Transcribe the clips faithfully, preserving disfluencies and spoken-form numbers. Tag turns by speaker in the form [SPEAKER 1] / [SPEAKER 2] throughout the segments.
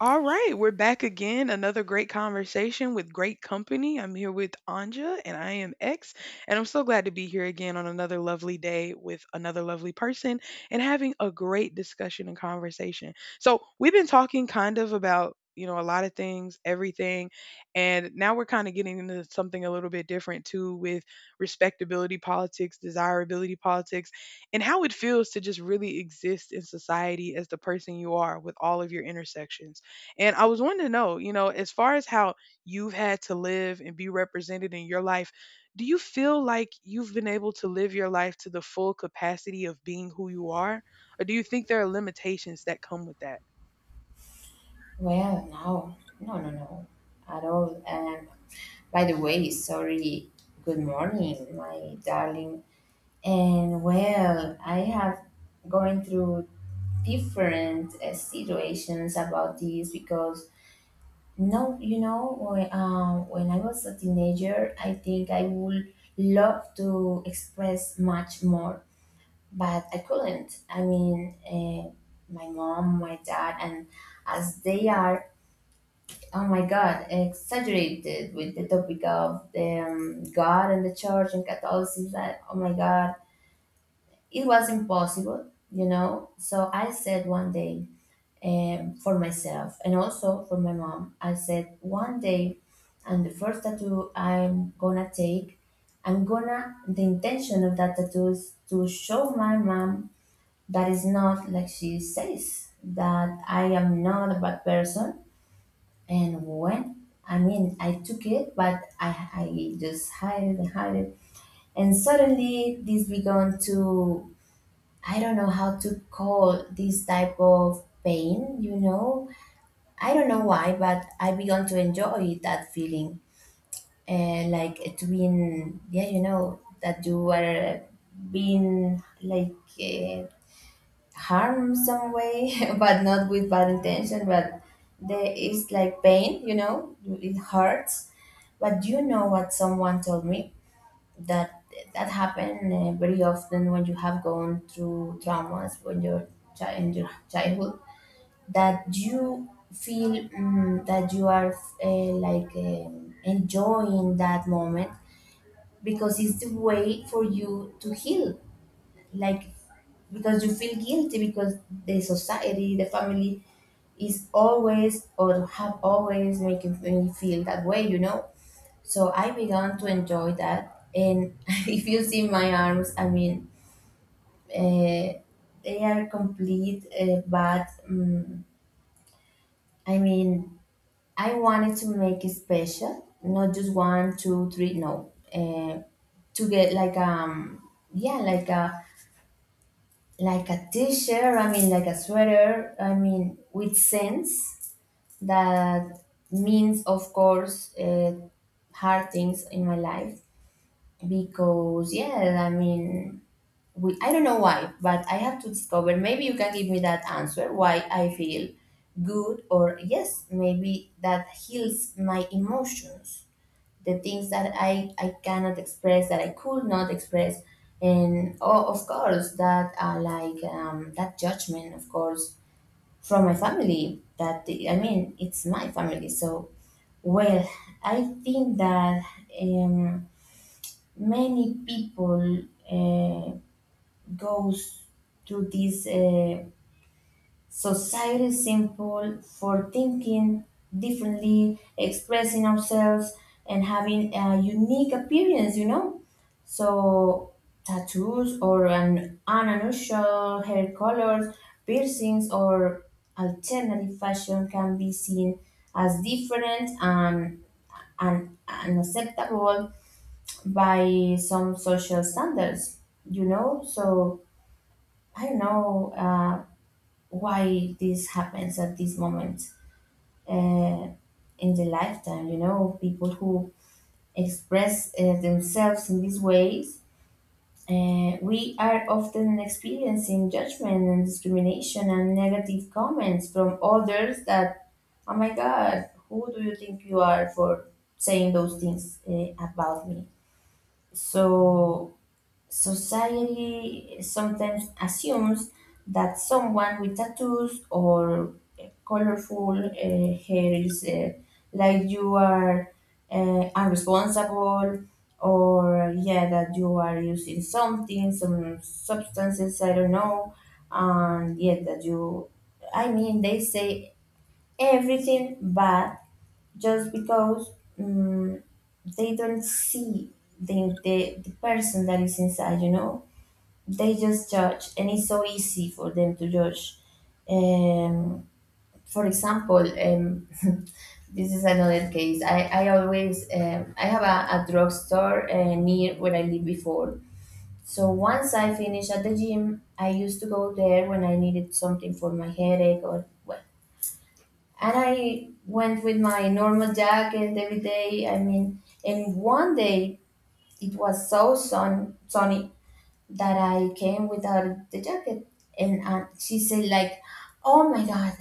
[SPEAKER 1] All right, we're back again. Another great conversation with great company. I'm here with Anja and I am X, and I'm so glad to be here again on another lovely day with another lovely person and having a great discussion and conversation. So, we've been talking kind of about, you know, a lot of things, everything, and now we're kind of getting into something a little bit different too with respectability politics, desirability politics, and how it feels to just really exist in society as the person you are with all of your intersections. And I was wanting to know, you know, as far as how you've had to live and be represented in your life, do you feel like you've been able to live your life to the full capacity of being who you are? Or do you think there are limitations that come with that?
[SPEAKER 2] Well, no, no, no, no, at all. And by the way, sorry, good morning, my darling. And well, I have going through different uh, situations about this because no, you know, when, um, when I was a teenager, I think I would love to express much more, but I couldn't. I mean, uh, my mom, my dad, and as they are, oh my God, exaggerated with the topic of the um, God and the church and Catholicism. That, oh my God, it was impossible, you know. So I said one day, um, for myself and also for my mom. I said one day, and the first tattoo I'm gonna take, I'm gonna. The intention of that tattoo is to show my mom that it's not like she says, that I am not a bad person. And when I mean, I took it, but I I just hide it and hide it, and suddenly this began to, I don't know how to call this type of pain. You know, I don't know why, but I began to enjoy that feeling, and like it being, yeah, you know that you were being like. Uh, Harm some way, but not with bad intention. But there is like pain, you know, it hurts. But you know what someone told me, that that happen uh, very often when you have gone through traumas when you're chi- in your childhood, that you feel mm that you are uh, like um enjoying that moment because it's the way for you to heal, like because you feel guilty because the society, the family is always, or have always making me feel that way, you know. So I began to enjoy that, and if you see my arms, I mean, uh, they are complete. Uh, but um, I mean, I wanted to make it special, not just one, two, three. No, uh, to get like um, yeah, like a like a t-shirt, I mean like a sweater, I mean with sense, that means of course uh, hard things in my life, because yeah I mean, we, I don't know why but I have to discover, maybe you can give me that answer why I feel good, or yes, maybe that heals my emotions, the things that I, I cannot express, that I could not express. And oh, of course that uh, like um, that judgment of course from my family, that I mean it's my family so, well, I think that um, many people uh, goes through this uh, Society is simple for thinking differently, expressing ourselves, and having a unique appearance, you know? So, tattoos or an unusual hair colors, piercings, or alternative fashion can be seen as different and, and unacceptable by some social standards, you know? So, I don't know. Uh, why this happens at this moment uh, in the lifetime. You know, people who express uh, themselves in these ways, uh, we are often experiencing judgment and discrimination and negative comments from others. That, oh my God, who do you think you are for saying those things uh, about me? So, society sometimes assumes that someone with tattoos or colorful uh, hair is uh, like you are uh, unresponsible, or yeah, that you are using something, some substances, I don't know, and yeah that you, I mean they say everything bad just because, mm they don't see the, the, the person that is inside, you know. They just judge, and it's so easy for them to judge. um, for example, um, this is another case. I, I always, um, I have a, a drugstore uh, near where I lived before. So once I finish at the gym, I used to go there when I needed something for my headache or what. And I went with my normal jacket every day. I mean, and one day it was so sun, sunny that I came without the jacket. And uh, she said like, oh my God,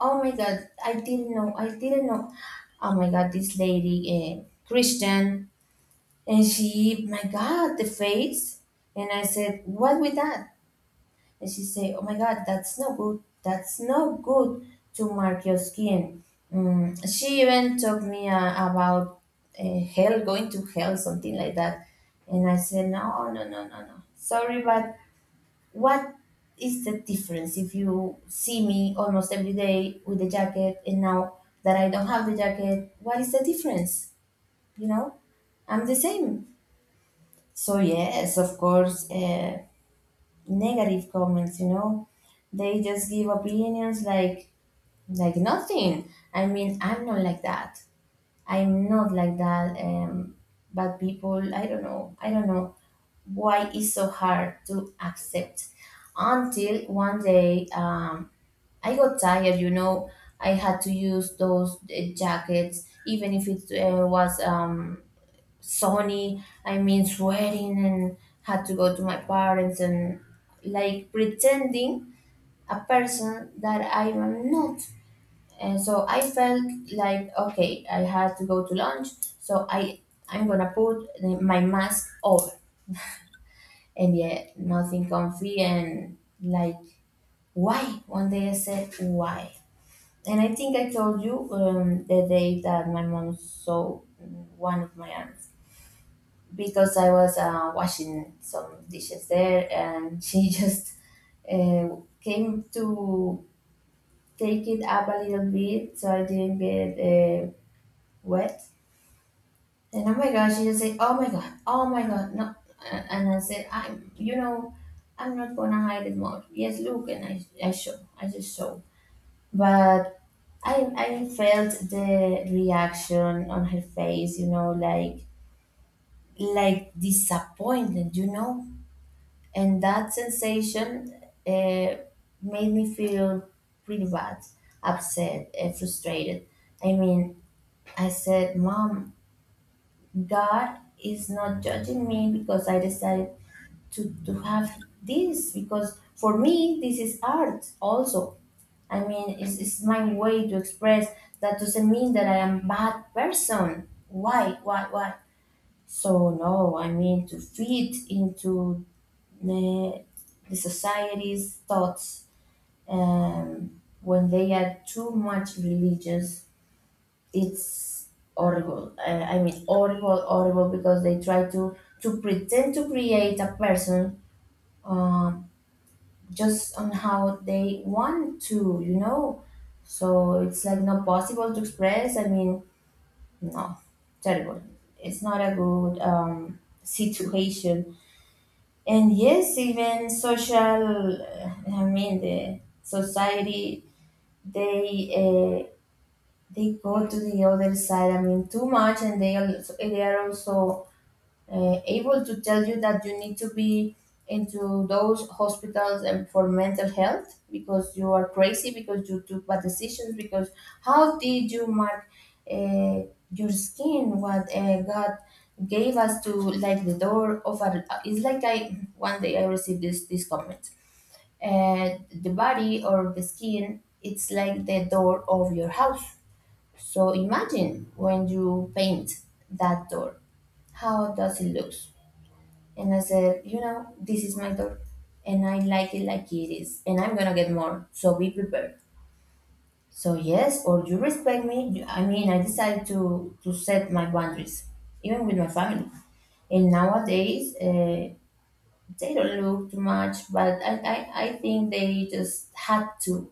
[SPEAKER 2] oh my God, I didn't know, I didn't know. Oh my God, this lady, uh, Christian. And she, my God, the face. And I said, what with that? And she said, oh my God, that's no good. That's no good to mark your skin. Mm. She even told me uh, about uh, hell, going to hell, something like that. And I said, no, no, no, no, no. Sorry, but what is the difference if you see me almost every day with the jacket, and now that I don't have the jacket, what is the difference? You know, I'm the same. So, yes, of course, uh, negative comments, you know, they just give opinions like like nothing. I mean, I'm not like that. I'm not like that. Um, but people, I don't know. I don't know why it's so hard to accept, until one day, um, I got tired, you know. I had to use those uh, jackets, even if it uh, was um, sunny. I mean, sweating, and had to go to my parents and like pretending a person that I am not. And so I felt like, okay, I had to go to lunch, so I I'm gonna put the- my mask over, and yet nothing comfy, and like why? One day I said why. And I think I told you um, the day that my mom saw one of my aunts, because I was uh, washing some dishes there, and she just uh, came to take it up a little bit so I didn't get uh, wet. And oh my gosh, she just said, oh my god, oh my god, no. And and I said, I'm, you know, I'm not gonna hide it more. Yes, look. And I, I show, I just show. But I I felt the reaction on her face, you know, like like disappointment, you know, and that sensation uh, made me feel pretty bad, upset, uh, frustrated. I mean, I said, "Mom, God is not judging me because I decided to to have this, because for me this is art also. I mean, it's, it's my way to express. That doesn't mean that I am bad person. Why? Why? Why? So no, I mean to fit into the, the society's thoughts. Um, when they are too much religious, it's horrible. Uh, I mean, horrible, horrible, because they try to to pretend to create a person um just on how they want to, you know. So it's like not possible to express. I mean, no, terrible. It's not a good um, situation. And yes, even social. uh, I mean, the society they uh, they go to the other side. I mean, too much, and they al- they are also uh, able to tell you that you need to be into those hospitals and for mental health, because you are crazy, because you took bad decisions, because how did you mark uh, your skin, what uh, god gave us, to like the door of our, it's like, I one day I received this this comment, uh, the body or the skin, it's like the door of your house. So imagine when you paint that door, how does it look? And I said, you know, this is my door, and I like it like it is, and I'm gonna get more. So be prepared. So yes, or you respect me. you- I mean, I decided to to set my boundaries, even with my family. And nowadays, uh, they don't look too much, but I, I, I think they just had to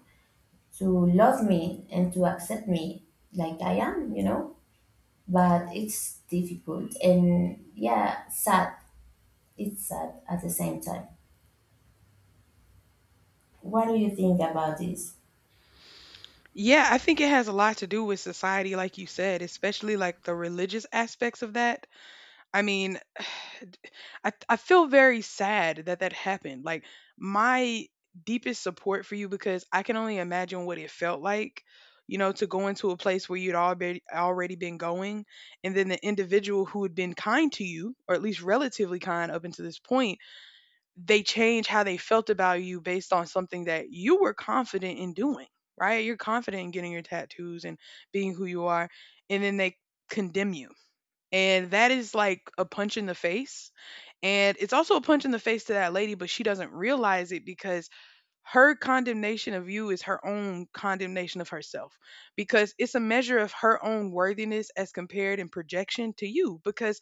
[SPEAKER 2] to love me and to accept me like I am, you know. But it's difficult, and yeah, sad. It's sad at the same time. What do you think about this?
[SPEAKER 1] Yeah, I think it has a lot to do with society, like you said, especially like the religious aspects of that. I mean, I I feel very sad that that happened. Like my deepest support for you because I can only imagine what it felt like, you know, to go into a place where you'd already already been going, and then the individual who had been kind to you, or at least relatively kind up until this point, they change how they felt about you based on something that you were confident in doing. Right? You're confident in getting your tattoos and being who you are, and then they condemn you and that is like a punch in the face. And it's also a punch in the face to that lady, but she doesn't realize it because her condemnation of you is her own condemnation of herself because it's a measure of her own worthiness as compared in projection to you because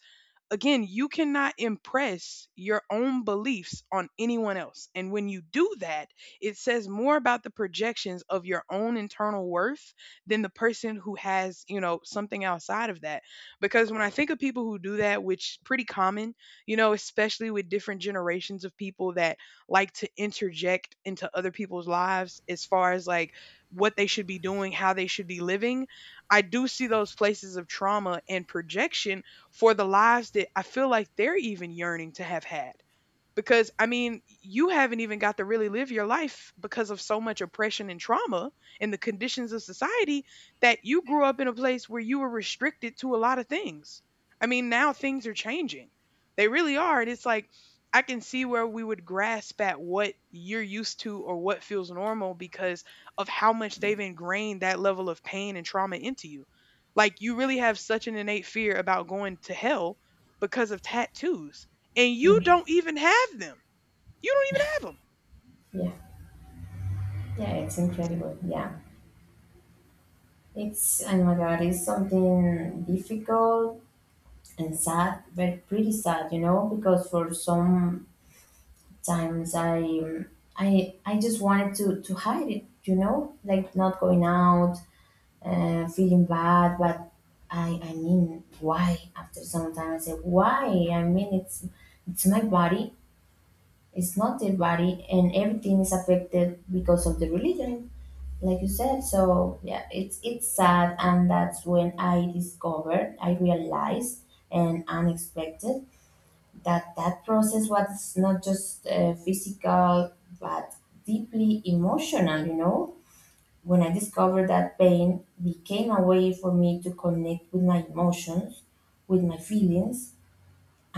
[SPEAKER 1] again, you cannot impress your own beliefs on anyone else. And when you do that, it says more about the projections of your own internal worth than the person who has, you know, something outside of that. Because when I think of people who do that, which pretty common, you know, especially with different generations of people that like to interject into other people's lives as far as like what they should be doing, how they should be living, I do see those places of trauma and projection for the lives that I feel like they're even yearning to have had because I mean, you haven't even got to really live your life because of so much oppression and trauma and the conditions of society that you grew up in a place where you were restricted to a lot of things. I mean, now things are changing. They really are. And it's like, I can see where we would grasp at what you're used to or what feels normal because of how much they've ingrained that level of pain and trauma into you. Like, you really have such an innate fear about going to hell because of tattoos and you don't even have them. You don't even have them.
[SPEAKER 2] Yeah, yeah, it's incredible. Yeah, it's, oh my god, it's something difficult and sad, but pretty sad, you know, because for
[SPEAKER 1] Mhm.
[SPEAKER 2] some times I, um, I, I just wanted to to hide it, you know, like not going out, uh, feeling bad, but I, I mean, why? After some time, I said, why? I mean, it's, it's my body. It's not their body, and everything is affected because of the religion, like you said. So yeah, it's it's sad. And that's when I discovered, I realized and unexpected, that that process was not just uh, physical, but deeply emotional, you know. When I discovered that, pain became a way for me to connect with my emotions, with my feelings,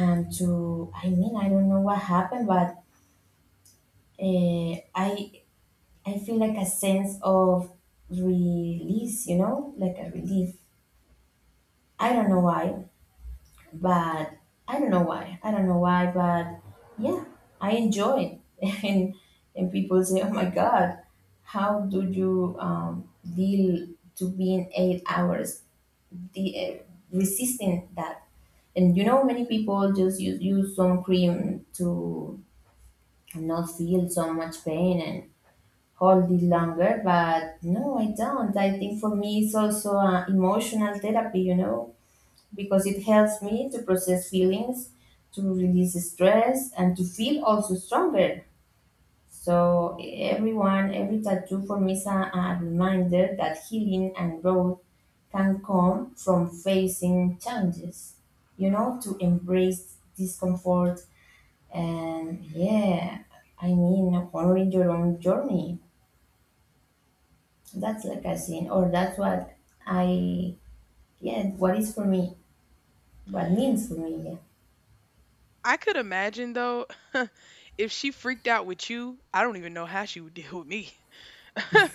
[SPEAKER 2] and to, I mean I don't know what happened, but uh, i I feel like a sense of release, you know, like a relief. I don't know why, but I don't know why. I don't know why, but yeah, I enjoy it. And and people say, "Oh my God, how do you um, deal to being eight hours de- uh, resisting that?" And you know, many people just use use some cream to not feel so much pain hold it longer. But no, I don't, I think for me it's also uh, emotional therapy, you know, because it helps me to process feelings, to release stress, and to feel also stronger. So everyone, every tattoo for me is a, a reminder that healing and growth can come from facing challenges, you know, to embrace discomfort. And yeah, I mean, honoring your own journey. That's like I seen, or that's what I, yeah, what is for me, what means for me,
[SPEAKER 1] I could imagine though, if she freaked out with you, I don't even know how she would deal with me. I'm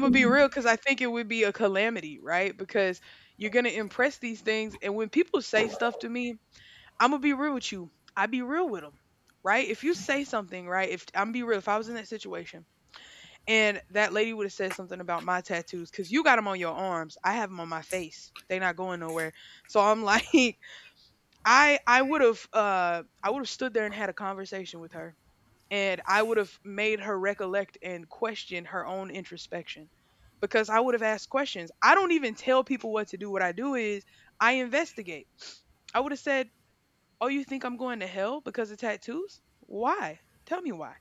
[SPEAKER 1] gonna be real because I think it would be a calamity, right? Because you're gonna impress these things, and when people say stuff to me, I'm gonna be real with you. I be real with them, right? If you say something, right? If I'm be real, if I was in that situation and that lady would have said something about my tattoos, because you got them on your arms, I have them on my face. They not going nowhere. So I'm like, I I would have uh I would have stood there and had a conversation with her and I would have made her recollect and question her own introspection because I would have asked questions. I don't even tell people what to do. What I do is I investigate. I would have said, "Oh, you think I'm going to hell because of tattoos? Why? Tell me why."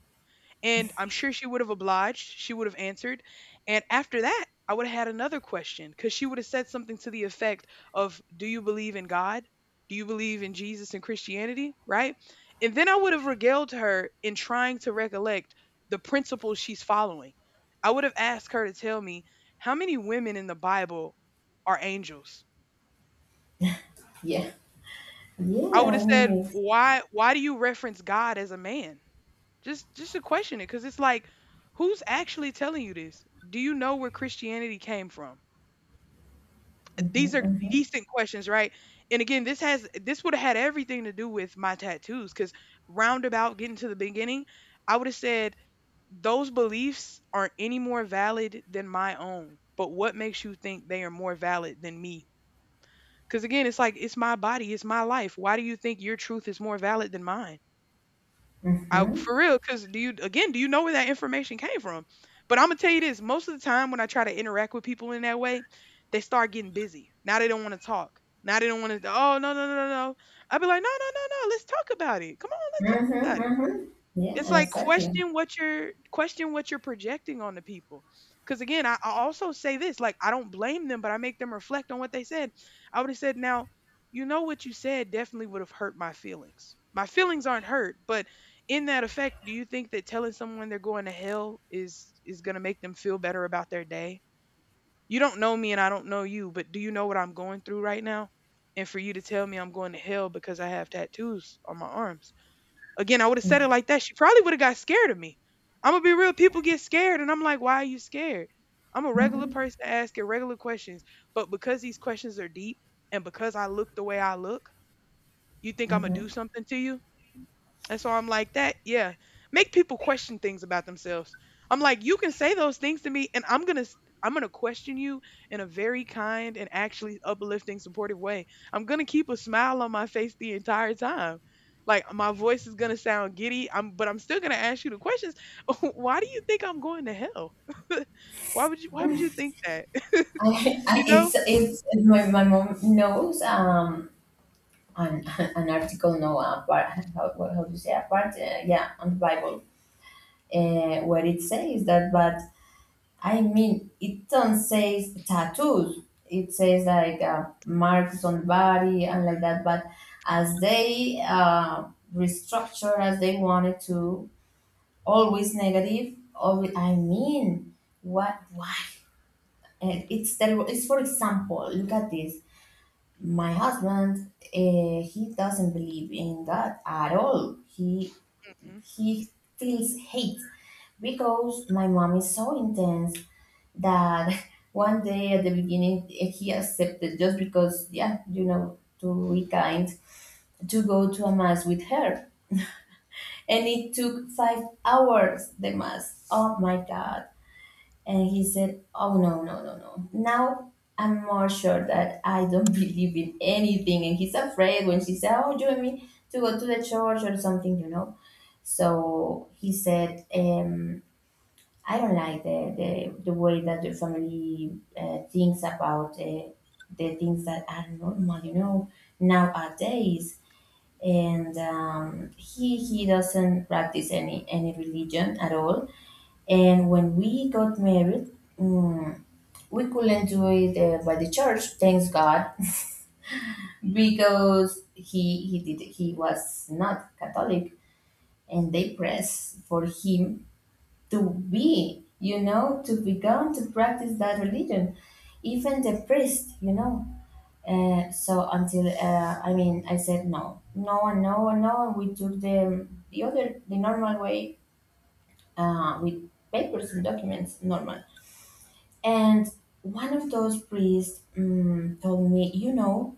[SPEAKER 1] And I'm sure she would have obliged. She would have answered. And after that, I would have had another question because she would have said something to the effect of, do you believe in God? Do you believe in Jesus and Christianity? Right? And then I would have regaled her in trying to recollect the principles she's following. I would have asked her to tell me how many women in the Bible are angels.
[SPEAKER 2] yeah. Yeah,
[SPEAKER 1] I would
[SPEAKER 2] yeah,
[SPEAKER 1] have
[SPEAKER 2] I
[SPEAKER 1] said,
[SPEAKER 2] mean, it's,
[SPEAKER 1] Why why do you reference God as a man? Just just to question it because it's like, who's actually telling you this? Do you know where Christianity came from?
[SPEAKER 2] mm-hmm,
[SPEAKER 1] These are
[SPEAKER 2] mm-hmm,
[SPEAKER 1] decent questions, right? And again, this has this would have had everything to do with my tattoos because roundabout getting to the beginning, I would have said those beliefs aren't any more valid than my own. But what makes you think they are more valid than me? Because again, it's like it's my body, it's my life. Why do you think your truth is more valid than mine? I
[SPEAKER 2] mm-hmm,
[SPEAKER 1] for real, because do you again, do you know where that information came from? But I'm gonna tell you this, most of the time when I try to interact with people in that way, they start getting busy. Now they don't want to talk. Now they don't want to. Oh, no, no, no, no! No! I'd be like, no, no, no, no. Let's talk about it. Come on, let's talk
[SPEAKER 2] mm-hmm,
[SPEAKER 1] about it.
[SPEAKER 2] mm-hmm.
[SPEAKER 1] It's
[SPEAKER 2] Yeah,
[SPEAKER 1] like
[SPEAKER 2] exactly.
[SPEAKER 1] question what you're question what you're projecting on the people. Cause again, I, I also say this, like I don't blame them, but I make them reflect on what they said. I would have said, now, you know what you said definitely would have hurt my feelings. My feelings aren't hurt, but in that effect, do you think that telling someone they're going to hell is is gonna make them feel better about their day? You don't know me and I don't know you, but do you know what I'm going through right now? And for you to tell me I'm going to hell because I have tattoos on my arms, again, I would have said it
[SPEAKER 2] Mm-hmm,
[SPEAKER 1] like that. She probably would have got scared of me. I'm gonna be real. People get scared, and I'm like, why are you scared? I'm a regular person asking regular questions, but because these questions are deep, and because I look the way I look, you think I'm gonna do
[SPEAKER 2] mm-hmm.
[SPEAKER 1] something to you? And so I'm like, that, yeah. Make people question things about themselves. I'm like, you can say those things to me and I'm going to I'm going to question you in a very kind and actually uplifting supportive way. I'm going to keep a smile on my face the entire time. Like my voice is going to sound giddy, I'm but I'm still going to ask you the questions. Why do you think I'm going to hell? Why would you why would you think that?
[SPEAKER 2] I, I,
[SPEAKER 1] You know?
[SPEAKER 2] it's, it's, my, my mom knows, um, an, an article, no, a part, how, what- how to say, a part, uh, yeah, on the Bible, uh, where it says that. But I mean, it don't say tattoos. It says like uh, marks on body and like that. But as they uh, restructure as they wanted to, always negative. Always, I mean, what? Why? And it's terrible. It's, for example, look at this. My husband, uh, he doesn't believe in God at all. He
[SPEAKER 1] Mhm.
[SPEAKER 2] he feels hate because my mom is so intense that one day at the beginning, eh, he accepted just because, yeah, you know, to be kind, to go to a mass with her. And it took five hours the mass, oh my god. And he said, oh, no, no, no, no, now I'm more sure that I don't believe in anything. And he's afraid when she said, oh, you and me to go to the church or something, you know. So he said, um I don't like the, the, the way that your family uh, thinks about uh, the things that are normal, you know, nowadays. And um, he he doesn't practice any any religion at all. And when we got married, mm, we couldn't do it uh, by the church. Thanks God, because he he did he was not Catholic, and they press for him to be, you know, to begun to practice that religion, even the priest, you know. Uh, so until, uh, I mean, I said no, no, and no, and no, and we took the the other the normal way uh, with papers and documents, normal. And one of those priests, um, told me, you know,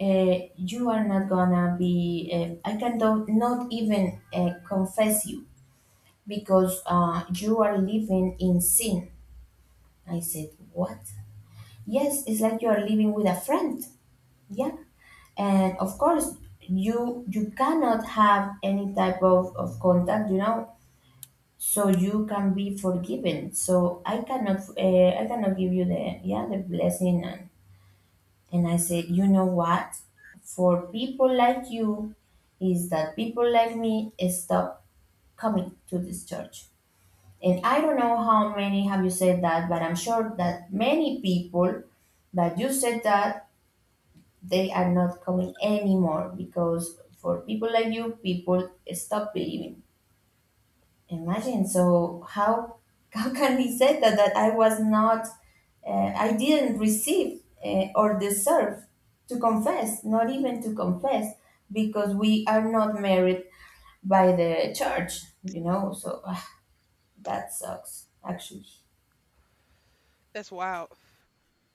[SPEAKER 2] uh, you are not gonna be. Uh, I can do- not even uh, confess you because uh, you are living in sin. I said, what? Yes, it's like you are living with a friend. Yeah. And of course, you you cannot have any type of, of contact, you know, so you can be forgiven. So I cannot, uh, I cannot give you the, yeah, the blessing. and, and I said, you know what? For people like you is that people like me stop coming to this church. And I don't know how many have you said that, but I'm sure that many people that you said that, they are not coming anymore, because for people like you, people stop believing. Imagine. So how how can we say that that I was not, uh, I didn't receive uh, or deserve to confess, not even to confess, because we are not married by the church, you know. So, ah, that sucks, actually.
[SPEAKER 1] That's wild.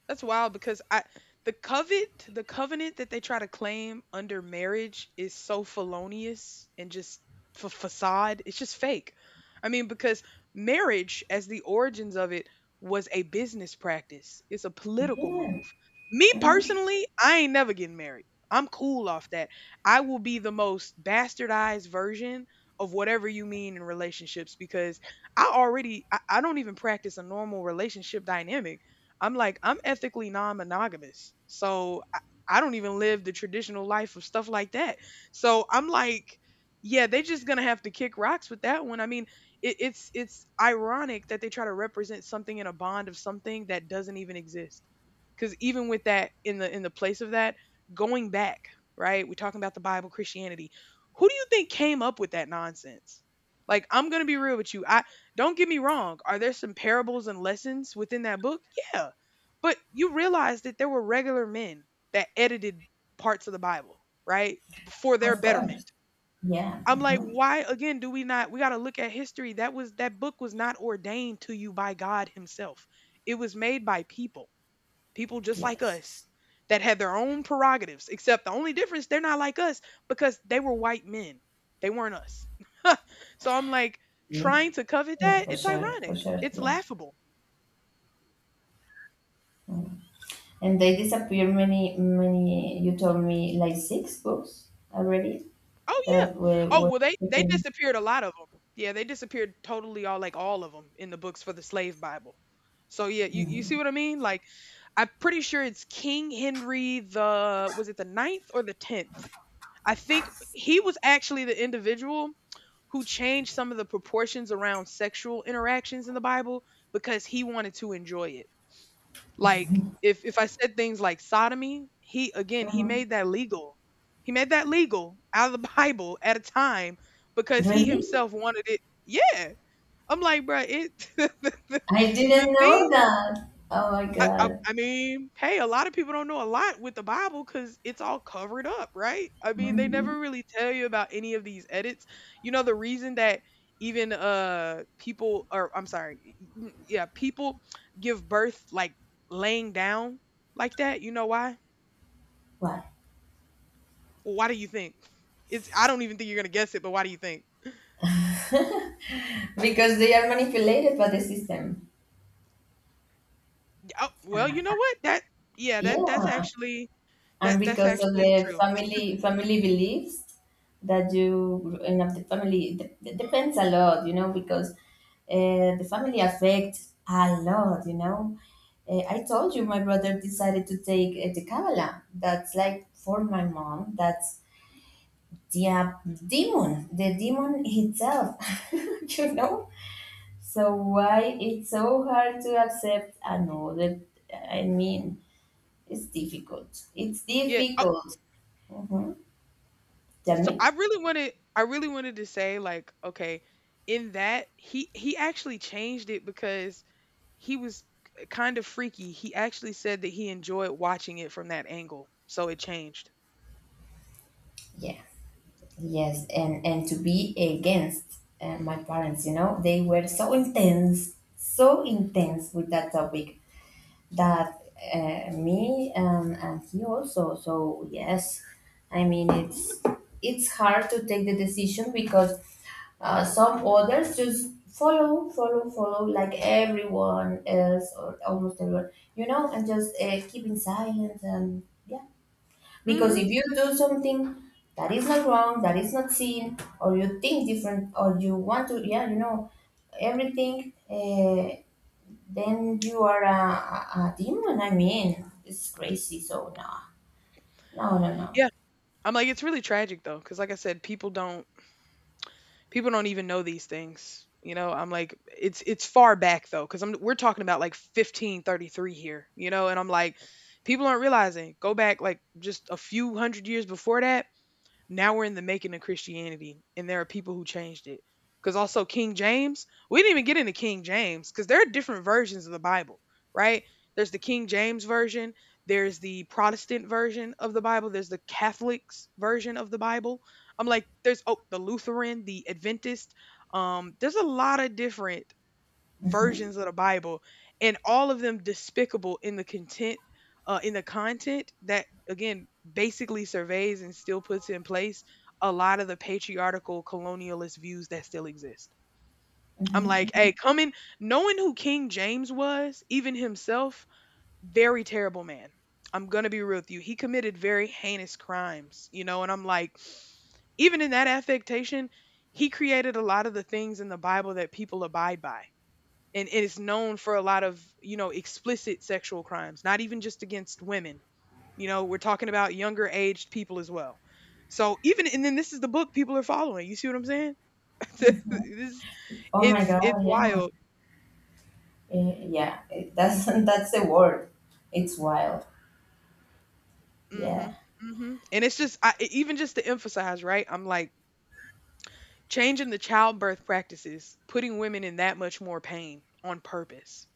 [SPEAKER 1] That's wild because I the covet the covenant that they try to claim under marriage is so felonious and just fa facade. It's just fake. I mean, because marriage, as the origins of it, was a business practice. It's a political
[SPEAKER 2] Yeah.
[SPEAKER 1] move. Me
[SPEAKER 2] Mhm.
[SPEAKER 1] personally, I ain't never getting married. I'm cool off that. I will be the most bastardized version of whatever you mean in relationships because I already I, I don't even practice a normal relationship dynamic. I'm like, I'm ethically non monogamous. So I, I don't even live the traditional life of stuff like that. So I'm like, yeah, they just gonna have to kick rocks with that one. I mean, it, it's it's ironic that they try to represent something in a bond of something that doesn't even exist. Because even with that in the in the place of that, going back, right? We're talking about the Bible, Christianity. Who do you think came up with that nonsense? Like, I'm gonna be real with you. I Don't get me wrong. Are there some parables and lessons within that book? Yeah. But you realize that there were regular men that edited parts of the Bible, right? For their
[SPEAKER 2] Of
[SPEAKER 1] betterment.
[SPEAKER 2] course. Yeah.
[SPEAKER 1] I'm like,
[SPEAKER 2] Mhm.
[SPEAKER 1] why again do we not we got to look at history. That was that book was not ordained to you by God himself. It was made by people. People just like us
[SPEAKER 2] Yes.
[SPEAKER 1] that had their own prerogatives. Except the only difference they're not like us because they were white men. They weren't us. So I'm like
[SPEAKER 2] Yeah.
[SPEAKER 1] trying to covet
[SPEAKER 2] Yeah,
[SPEAKER 1] that,
[SPEAKER 2] for
[SPEAKER 1] it's
[SPEAKER 2] sure. For
[SPEAKER 1] ironic.
[SPEAKER 2] sure.
[SPEAKER 1] It's
[SPEAKER 2] Yeah.
[SPEAKER 1] laughable.
[SPEAKER 2] Mhm. And they disappear many, many, you told me like six books already
[SPEAKER 1] Oh,
[SPEAKER 2] that
[SPEAKER 1] yeah.
[SPEAKER 2] were,
[SPEAKER 1] Oh,
[SPEAKER 2] were
[SPEAKER 1] well, they they
[SPEAKER 2] taken.
[SPEAKER 1] disappeared a lot of them. Yeah, they disappeared totally all like all of them in the books for the slave Bible. So, yeah, you you see what I mean? Like, I'm pretty sure it's King Henry the was it the ninth or the tenth? I think he was actually the individual who changed some of the proportions around sexual interactions in the Bible because he wanted to enjoy it. Like if if I said things like sodomy, he again, he
[SPEAKER 2] Mhm.
[SPEAKER 1] made that legal. He made that legal out of the Bible at a time because he
[SPEAKER 2] Really?
[SPEAKER 1] himself wanted it. Yeah. I'm like, bruh, it
[SPEAKER 2] I
[SPEAKER 1] the,
[SPEAKER 2] didn't know
[SPEAKER 1] thing.
[SPEAKER 2] that. Oh my
[SPEAKER 1] I I
[SPEAKER 2] God.
[SPEAKER 1] I mean, hey, a lot of people don't know a lot with the Bible because it's all covered up, right? I mean, they
[SPEAKER 2] Mhm.
[SPEAKER 1] never really tell you about any of these edits. You know, the reason that even uh people or I'm sorry, y- y- yeah, people give birth like laying down like that. You know why?
[SPEAKER 2] Why?
[SPEAKER 1] Well, why do you think? It's I don't even think you're gonna guess it, but why do you think?
[SPEAKER 2] Because they are manipulated by the system.
[SPEAKER 1] Oh, well, you know what? That yeah, that that's
[SPEAKER 2] Yeah.
[SPEAKER 1] actually
[SPEAKER 2] And
[SPEAKER 1] that that's
[SPEAKER 2] because of the
[SPEAKER 1] actually true.
[SPEAKER 2] family family beliefs that you and of the family, it dep- it depends a lot, you know, because uh, the family affects a lot, you know. uh, I told you my brother decided to take uh, the kabbalah. That's like for my mom, that's the uh, demon the demon itself, you know. So why it's so hard to accept another? I mean, it's difficult, it's
[SPEAKER 1] Yeah.
[SPEAKER 2] difficult. Mhm.
[SPEAKER 1] So
[SPEAKER 2] Demi-
[SPEAKER 1] I really wanted I really wanted to say like, okay, in that he he actually changed it because he was kind of freaky. He actually said that he enjoyed watching it from that angle. So it changed.
[SPEAKER 2] yeah, yes, and and to be against uh, my parents, you know, they were so intense, so intense with that topic, that uh, me and and he also. So yes, I mean, it's it's hard to take the decision because uh, some others just follow, follow, follow, like everyone else or almost everyone, you know, and just uh, keeping silence, and yeah. Because if
[SPEAKER 1] Mhm.
[SPEAKER 2] you do something that is not wrong, that is not seen, or you think different, or you want to, yeah, you know, everything, uh, then you are a, a a demon. I mean, it's crazy. So, no, no, no, no.
[SPEAKER 1] Yeah. I'm like it's really tragic though cuz like I said people don't people don't even know these things. You know, I'm like it's it's far back though cuz I'm we're talking about like fifteen thirty-three here, you know, and I'm like people aren't realizing go back like just a few hundred years before that. Now we're in the making of Christianity, and there are people who changed it. Because also King James, we didn't even get into King James because there are different versions of the Bible, right? There's the King James version, there's the Protestant version of the Bible, there's the Catholic's version of the Bible. I'm like, there's oh, the Lutheran, the Adventist. Um, there's a lot of different
[SPEAKER 2] Hmm.
[SPEAKER 1] versions of the Bible, and all of them despicable in the content, uh, in the content that again basically surveys and still puts in place a lot of the patriarchal colonialist views that still exist. I'm like,
[SPEAKER 2] Hmm.
[SPEAKER 1] hey, coming knowing who King James was, even himself, very terrible man. I'm gonna be real with you. He committed very heinous crimes, you know, and I'm like, even in that affectation, he created a lot of the things in the Bible that people abide by, and it is known for a lot of, you know, explicit sexual crimes, not even just against women. You know, we're talking about younger aged people as well. So even and then this is the book people are following, you see what I'm saying?
[SPEAKER 2] Hmm.
[SPEAKER 1] This
[SPEAKER 2] Oh my
[SPEAKER 1] it's it's
[SPEAKER 2] God, yeah.
[SPEAKER 1] wild.
[SPEAKER 2] Uh, yeah, it- that's, that's the word. It's wild. Yeah.
[SPEAKER 1] Mhm. Mhm and it's just I, e, even just to emphasize, right, I'm like changing the childbirth practices, putting women in that much more pain on purpose.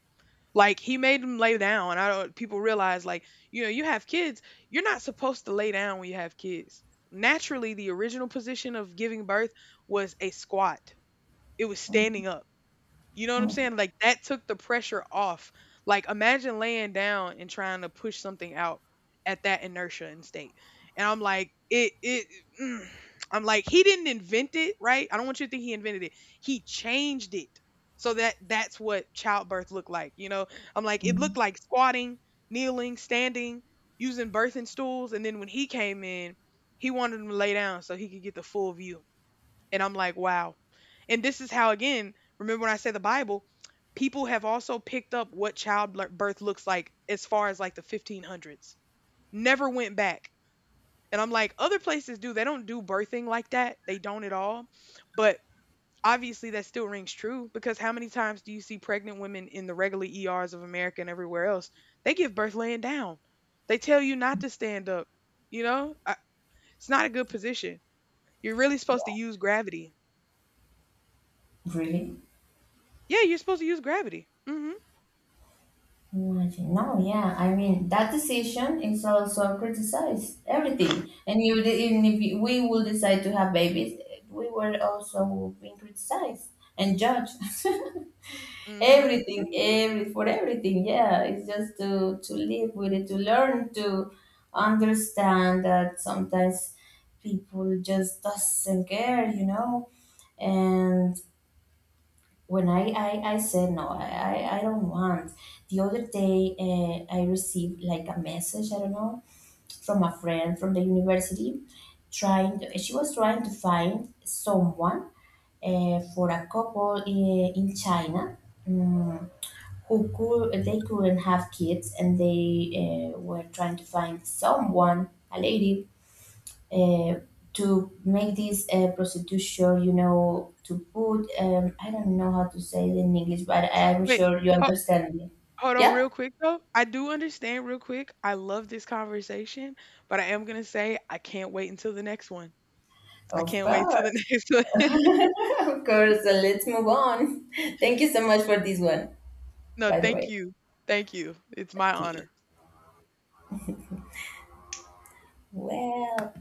[SPEAKER 1] Like he made him lay down. I don't people realize like, you know, you have kids, you're not supposed to lay down when you have kids. Naturally, the original position of giving birth was a squat. It was standing up, you know what I'm saying? Like that took the pressure off. Like imagine laying down and trying to push something out at that inertia and state. And I'm like, it it mm. I'm like, he didn't invent it, right? I don't want you to think he invented it. He changed it. So that that's what childbirth looked like, you know? I'm like, it looked
[SPEAKER 2] Mhm.
[SPEAKER 1] like squatting, kneeling, standing, using birthing stools, and then when he came in, he wanted him to lay down so he could get the full view. And I'm like, wow. And this is how, again, remember when I said the Bible, people have also picked up what childbirth looks like as far as like the fifteen hundreds, never went back. And I'm like, other places do. They don't do birthing like that. They don't at all. But obviously, that still rings true because how many times do you see pregnant women in the regular E Rs of America and everywhere else? They give birth laying down. They tell you not to stand up. You know, I, it's not a good position. You're really supposed to use gravity.
[SPEAKER 2] Really?
[SPEAKER 1] Yeah, you're supposed to use gravity. Mhm.
[SPEAKER 2] Imagine now, yeah. I mean, that decision is also criticized everything. And you, even if we will decide to have babies, we were also being criticized and judged.
[SPEAKER 1] Mhm.
[SPEAKER 2] Everything,
[SPEAKER 1] Mhm.
[SPEAKER 2] every for everything. Yeah, it's just to to live with it, to learn, to understand that sometimes people just doesn't care, you know. And when I, I, I said no, I, I I don't want. The other day, uh, I received like a message, I don't know, from a friend from the university trying to, she was trying to find someone uh, for a couple in, in China, um, who could, they couldn't have kids, and they uh, were trying to find someone, a lady, uh, to make this uh, prostitution, you know, to put, um, I don't know how to say it in English, but I'm
[SPEAKER 1] Wait.
[SPEAKER 2] sure you
[SPEAKER 1] Ho
[SPEAKER 2] understand me.
[SPEAKER 1] hold on
[SPEAKER 2] Yeah,
[SPEAKER 1] real quick though. I do understand real quick. I love this conversation, but I am gonna say I can't wait until the next one. I
[SPEAKER 2] of
[SPEAKER 1] can't wait until
[SPEAKER 2] course,
[SPEAKER 1] the next one.
[SPEAKER 2] of course. So let's move on. Thank you so much for this one,
[SPEAKER 1] No,
[SPEAKER 2] by the
[SPEAKER 1] thank
[SPEAKER 2] way.
[SPEAKER 1] you. Thank you. It's my
[SPEAKER 2] Okay,
[SPEAKER 1] honor.
[SPEAKER 2] well.